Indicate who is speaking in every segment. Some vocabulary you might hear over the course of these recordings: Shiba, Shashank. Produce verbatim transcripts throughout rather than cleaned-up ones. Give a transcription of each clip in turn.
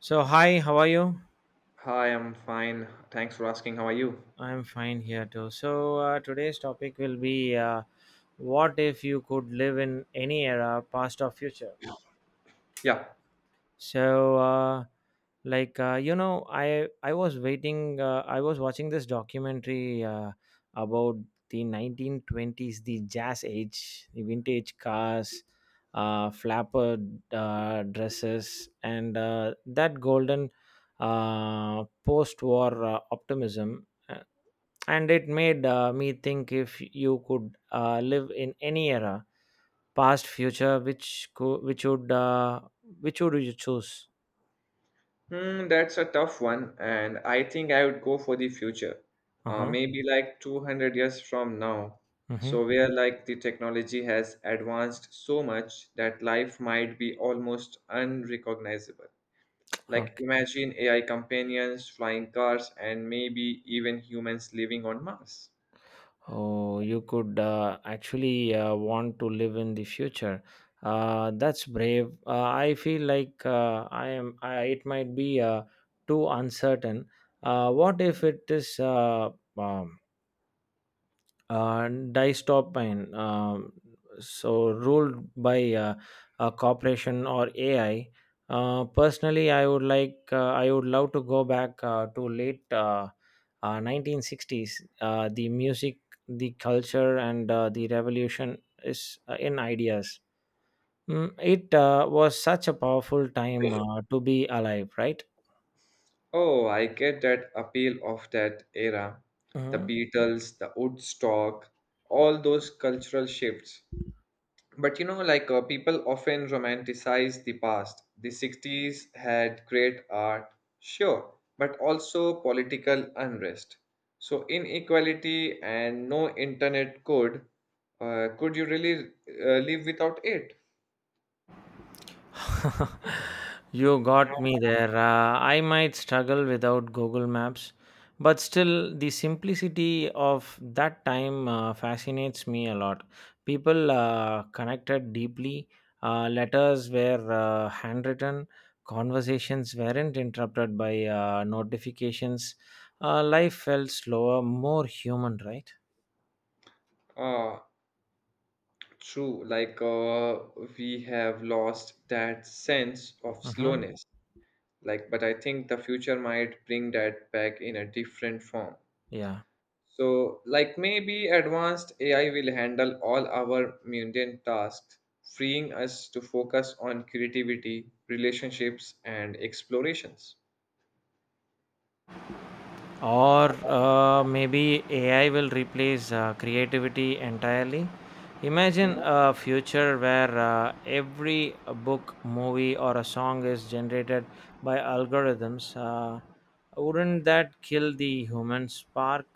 Speaker 1: So, hi, how are you?
Speaker 2: Hi, I'm fine. Thanks for asking. How are you?
Speaker 1: I'm fine here too. So, uh, today's topic will be uh, what if you could live in any era, past or future?
Speaker 2: Yeah,
Speaker 1: So, uh, like uh, you know, I I was waiting. Uh, I was watching this documentary uh, about the nineteen twenties, the jazz age, the vintage cars, uh, flapper uh, dresses, and uh, that golden uh, post-war uh, optimism, and it made uh, me think. If you could uh, live in any era, past, future, which co- which would uh, which would you choose?
Speaker 2: hmm, that's a tough one, and I think I would go for the future. Uh,
Speaker 1: Uh-huh.
Speaker 2: maybe like two hundred years from now.
Speaker 1: Mm-hmm.
Speaker 2: So where like the technology has advanced so much that life might be almost unrecognizable. Like
Speaker 1: Okay.
Speaker 2: imagine A I companions, flying cars, and maybe even humans living on Mars.
Speaker 1: Oh, you could uh, actually uh, want to live in the future. Uh, that's brave. Uh, i feel like uh, i am, I, it might be uh, too uncertain. Uh, what if it is uh, um, uh, dystopine, um, so ruled by uh, a corporation or A I. uh, personally i would like uh, i would love to go back uh, to late uh, uh, nineteen sixties. Uh, the music, the culture, and uh, the revolution is uh, in ideas. Mm, it uh, was such a powerful time uh, to be alive, right?
Speaker 2: Oh, I get that appeal of that era. The
Speaker 1: Mhm.
Speaker 2: Beatles, the Woodstock, all those cultural shifts. But you know, like uh, people often romanticize the past. The sixties had great art, sure, but also political unrest. So inequality and no internet could, uh, could you really uh, live without it?
Speaker 1: You
Speaker 2: Yeah.
Speaker 1: got me there. Uh, I might struggle without Google Maps, but still, the simplicity of that time uh, fascinates me a lot. People uh, connected deeply, uh, letters were uh, handwritten, conversations weren't interrupted by uh, notifications. Uh, life felt slower, more human, right?
Speaker 2: Uh, True, like uh, we have lost that sense of
Speaker 1: Mm-hmm.
Speaker 2: slowness. Like, but I think the future might bring that back in a different form.
Speaker 1: Yeah.
Speaker 2: So, like maybe advanced A I will handle all our mundane tasks, freeing us to focus on creativity, relationships, and explorations.
Speaker 1: or uh, maybe A I will replace uh, creativity entirely. Imagine a future where uh, every book, movie, or a song is generated by algorithms. Uh, wouldn't that kill the human spark?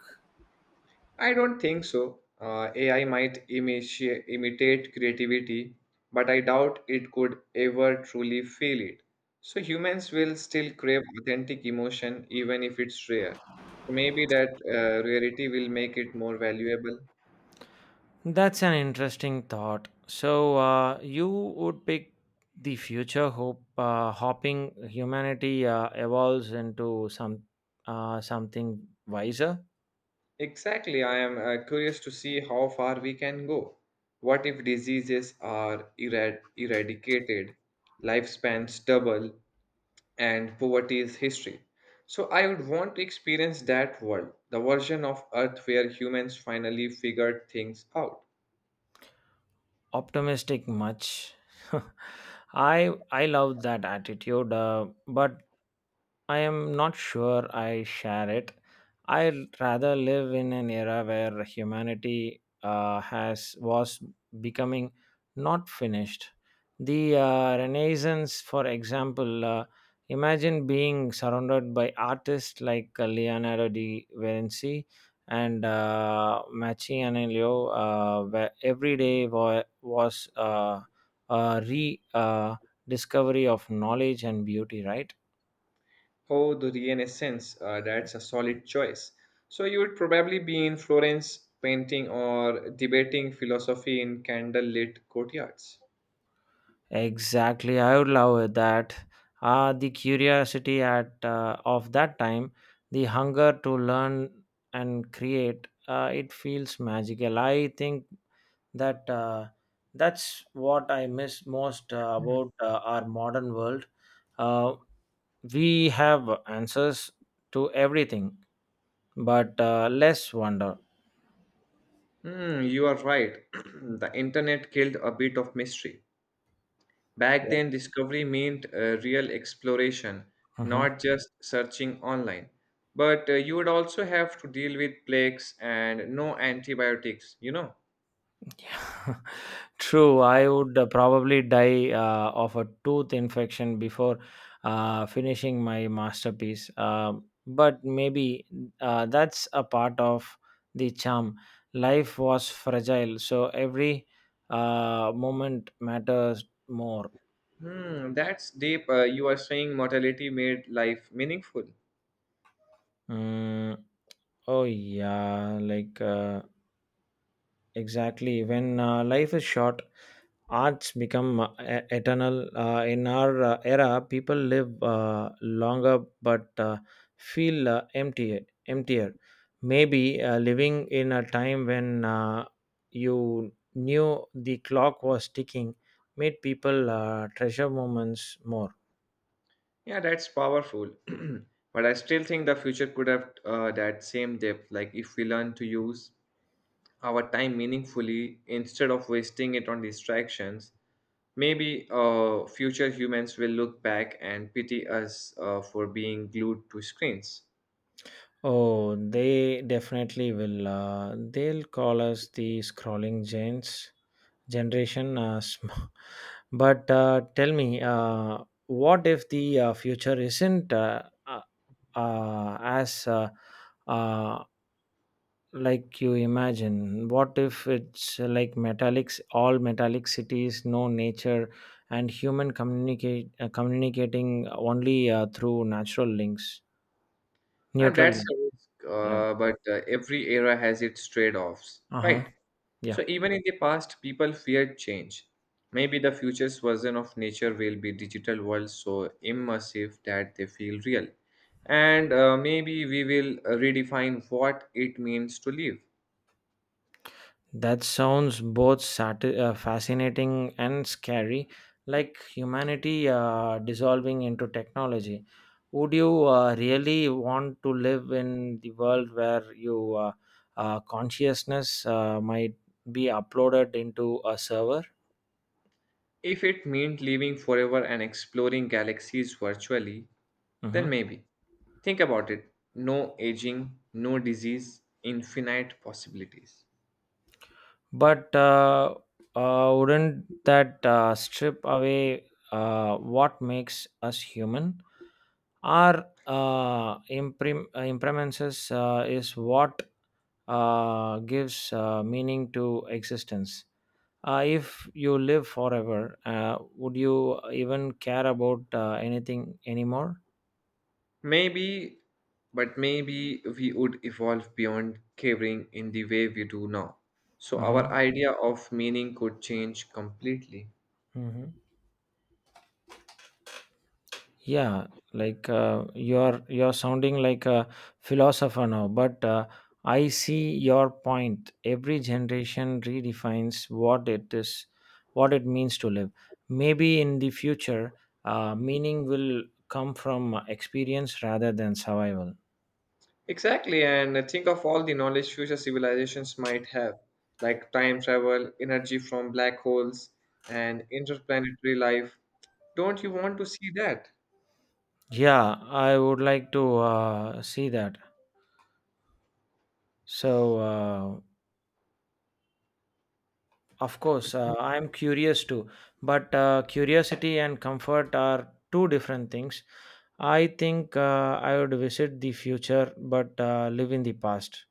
Speaker 2: I don't think so. Uh, A I might imiti- imitate creativity, but I doubt it could ever truly feel it. So humans will still crave authentic emotion even if it's rare. So maybe that uh, rarity will make it more valuable.
Speaker 1: That's an interesting thought. So, uh, you would pick the future, hope, uh, hoping humanity uh, evolves into some uh, something wiser.
Speaker 2: Exactly. I am uh, curious to see how far we can go. What if diseases are erad- eradicated, lifespans double, and poverty's history. So I would want to experience that world, the version of Earth where humans finally figured things out.
Speaker 1: Optimistic much? i i love that attitude, uh, but I am not sure I share it. I rather live in an era where humanity uh, has was becoming, not finished. The uh, Renaissance, for example. Uh, imagine being surrounded by artists like uh, Leonardo da Vinci and uh, Machiavelli, uh, where every day wa- was uh, a re uh, discovery of knowledge and beauty, right?
Speaker 2: Oh, the Renaissance, uh, that's a solid choice. So you would probably be in Florence painting or debating philosophy in candlelit courtyards.
Speaker 1: Exactly, I would love that. Ah, the curiosity at uh, of that time, the hunger to learn and create, uh, it feels magical. I think that uh, that's what I miss most uh, about uh, our modern world. Uh, we have answers to everything, but uh, less wonder.
Speaker 2: Hmm, you are right. The internet killed a bit of mystery. Back
Speaker 1: Yeah.
Speaker 2: then, discovery meant uh, real exploration,
Speaker 1: Mhm.
Speaker 2: not just searching online. But uh, you would also have to deal with plagues and no antibiotics, you know.
Speaker 1: True, I would uh, probably die uh, of a tooth infection before uh, finishing my masterpiece. Um but maybe uh, that's a part of the charm. Life was fragile, so every uh, moment matters more.
Speaker 2: Hmm, that's deep. Uh, you are saying mortality made life meaningful.
Speaker 1: Mm, oh, yeah, like. Uh, Exactly. When uh, life is short, arts become uh, e- eternal. Uh, in our uh, era, people live uh, longer but uh, feel uh, empty, emptier. Maybe uh, living in a time when uh, you knew the clock was ticking made people uh, treasure moments more.
Speaker 2: Yeah, that's powerful. But I still think the future could have uh, that same depth, like if we learn to use our time meaningfully instead of wasting it on distractions, maybe uh, future humans will look back and pity us uh, for being glued to screens.
Speaker 1: Oh, they definitely will. Uh, they'll call us the scrolling gens generation. Uh, sm- but uh, tell me, uh, what if the uh, future isn't, uh, uh, uh, as, uh, uh, like you imagine? What if it's uh, like metallics, all metallic cities, no nature, and human communicate uh, communicating only uh, through natural links,
Speaker 2: And
Speaker 1: neutral
Speaker 2: that's
Speaker 1: link.
Speaker 2: a risk,
Speaker 1: Yeah.
Speaker 2: uh, but uh, every era has its trade offs,
Speaker 1: Uh
Speaker 2: right?
Speaker 1: huh.
Speaker 2: So
Speaker 1: Yeah.
Speaker 2: even in the past, people feared change. Maybe the future's version of nature will be digital world so immersive that they feel real. And uh, maybe we will uh, redefine what it means to live.
Speaker 1: That sounds both sati- uh, fascinating and scary, like humanity uh, dissolving into technology. Would you uh, really want to live in the world where your uh, uh, consciousness uh, might be uploaded into a server?
Speaker 2: If it meant living forever and exploring galaxies virtually, then
Speaker 1: Mhm.
Speaker 2: maybe. Think about it no aging, no disease, infinite possibilities.
Speaker 1: But uh, uh, wouldn't that uh, strip away uh, what makes us human? Our uh, imprim- uh, impermanences uh, is what uh, gives uh, meaning to existence. Uh, if you live forever, uh, would you even care about uh, anything anymore?
Speaker 2: Maybe, but maybe we would evolve beyond caving in the way we do now. So our
Speaker 1: Hmm.
Speaker 2: idea of meaning could change completely.
Speaker 1: Hmm. Yeah, like uh, you're you're sounding like a philosopher now, but uh, I see your point. Every generation redefines what it is, what it means to live. Maybe in the future, uh, meaning will come from experience rather than survival.
Speaker 2: Exactly, and think of all the knowledge future civilizations might have, like time travel, energy from black holes, and interplanetary life. Don't you want to see that?
Speaker 1: Yeah, I would like to uh, see that. So, uh, of course, uh, I am curious too, but uh, curiosity and comfort are two different things. I think uh, I would visit the future but uh, live in the past.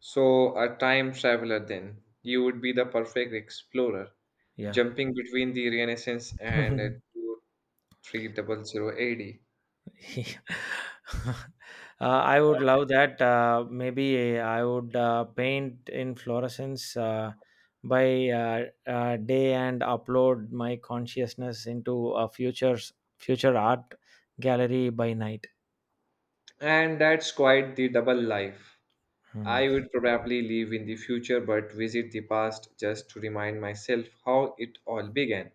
Speaker 2: So, a time traveler then. You would be the perfect explorer,
Speaker 1: Yeah.
Speaker 2: jumping between the Renaissance and uh, two thousand three hundred A D.
Speaker 1: Yeah. uh, I would love that. Uh, maybe I would uh, paint in fluorescence uh, by uh, uh, day and upload my consciousness into a future's future art gallery by night.
Speaker 2: And that's quite the double life.
Speaker 1: Hmm.
Speaker 2: I would probably live in the future but visit the past just to remind myself how it all began,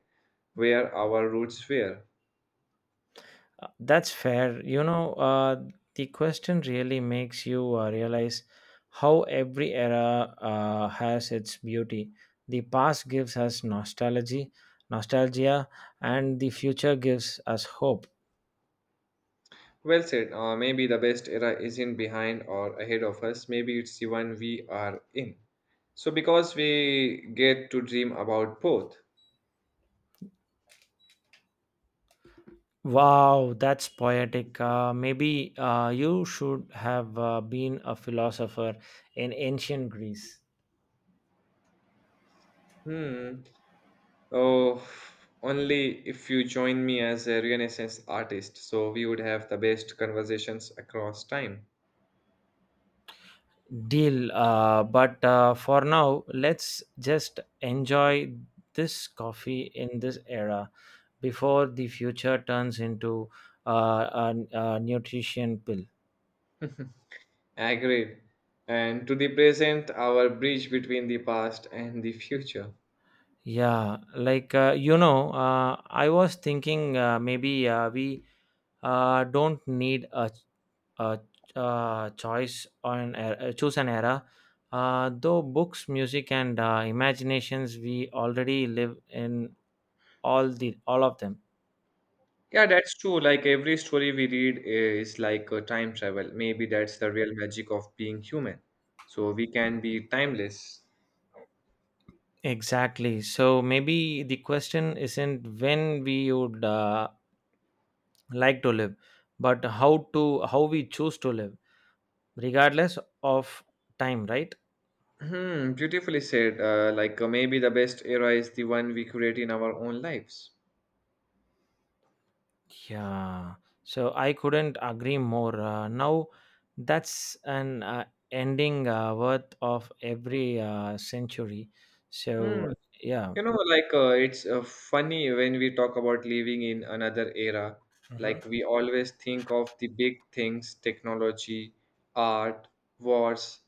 Speaker 2: where our roots were.
Speaker 1: Uh, That's fair. You know, uh, the question really makes you uh, realize how every era uh, has its beauty. The past gives us nostalgia, nostalgia, and the future gives us hope.
Speaker 2: Well said. Uh, maybe the best era isn't behind or ahead of us. Maybe it's the one we are in. So because we get to dream about both.
Speaker 1: Wow, that's poetic. Uh, maybe uh, you should have uh, been a philosopher in ancient Greece.
Speaker 2: Hmm. Oh, only if you join me as a Renaissance artist, so we would have the best conversations across time.
Speaker 1: Deal. Uh, but uh, for now, let's just enjoy this coffee in this era, before the future turns into uh, a, a nutrition pill.
Speaker 2: Agreed. And to the present, our bridge between the past and the future.
Speaker 1: Yeah, like uh, you know, uh, I was thinking uh, maybe uh, we uh, don't need a, a, a choice on a, choose an era. Uh, though books, music, and uh, imaginations, we already live in all the all of them.
Speaker 2: Yeah, that's true. Like every story we read is like a time travel. Maybe that's the real magic of being human. So we can be timeless.
Speaker 1: Exactly. So maybe the question isn't when we would uh, like to live but how to how we choose to live regardless of time, right?
Speaker 2: Hmm, beautifully said. Uh, like uh, maybe the best era is the one we create in our own lives.
Speaker 1: Yeah. So I couldn't agree more, uh, now that's an uh, ending uh, worth of every uh, century, so.
Speaker 2: Hmm.
Speaker 1: Yeah.
Speaker 2: You know, like uh, it's uh, funny when we talk about living in another era.
Speaker 1: Mhm.
Speaker 2: Like we always think of the big things, technology, art, wars,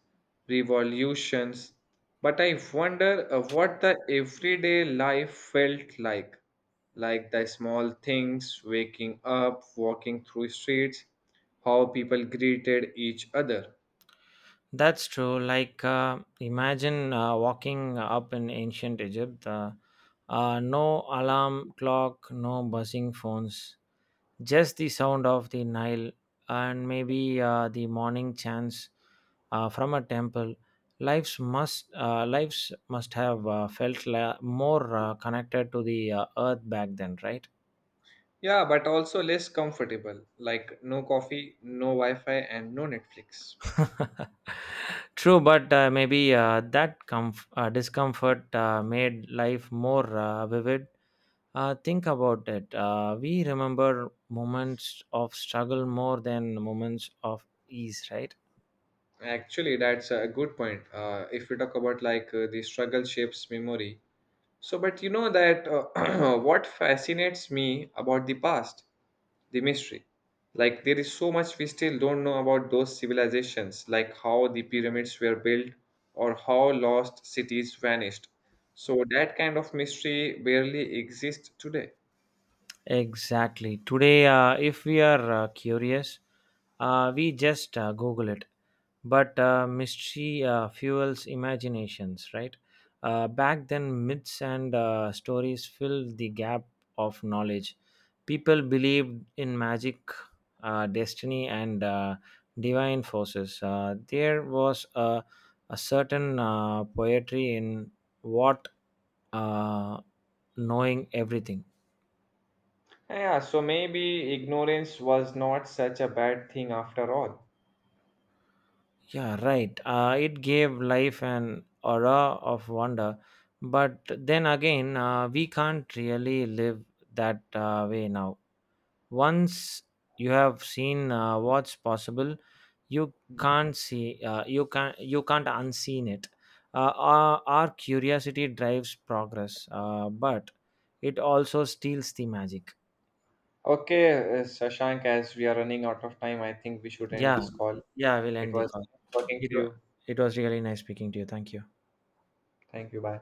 Speaker 2: revolutions. But I wonder uh, what the everyday life felt like. Like the small things, waking up, walking through streets, how people greeted each other.
Speaker 1: That's true. Like, uh, imagine uh, walking up in ancient Egypt. Uh, uh, no alarm clock, no buzzing phones, just the sound of the Nile, and maybe uh, the morning chants uh, from a temple. Lives must uh, lives must have uh, felt la- more uh, connected to the uh, earth back then, right?
Speaker 2: Yeah, but also less comfortable, like no coffee, no Wi Fi, and no Netflix.
Speaker 1: True, but uh, maybe uh, that comf- uh, discomfort uh, made life more uh, vivid. Uh, think about it. Uh, we remember moments of struggle more than moments of ease, right?
Speaker 2: Actually, that's a good point. Uh, if we talk about like uh, the struggle shapes memory. So, but you know that uh, what fascinates me about the past, the mystery. Like, there is so much we still don't know about those civilizations, like how the pyramids were built or how lost cities vanished. So, that kind of mystery barely exists today.
Speaker 1: Exactly. Today, uh, if we are uh, curious, uh, we just uh, Google it. But uh, mystery uh, fuels imaginations, right? Uh, back then, myths and uh, stories filled the gap of knowledge. People believed in magic, uh, destiny, and uh, divine forces. Uh, there was a, a certain uh, poetry in what uh, knowing everything.
Speaker 2: Yeah, so maybe ignorance was not such a bad thing after all.
Speaker 1: Yeah, right. Uh, it gave life an aura of wonder. But then again, uh, we can't really live that uh, way now. Once you have seen uh, what's possible, you can't see, uh, you can't, you can't unseen it. Uh, our, our curiosity drives progress, uh, but it also steals the magic.
Speaker 2: Okay, uh, Shashank, as we are running out of time, I think we should end
Speaker 1: Yeah,
Speaker 2: this call.
Speaker 1: yeah. We'll
Speaker 2: It
Speaker 1: end the
Speaker 2: was
Speaker 1: call.
Speaker 2: nice talking
Speaker 1: It
Speaker 2: to
Speaker 1: wa-
Speaker 2: you.
Speaker 1: it was really nice speaking to you. Thank you.
Speaker 2: Thank you. Bye.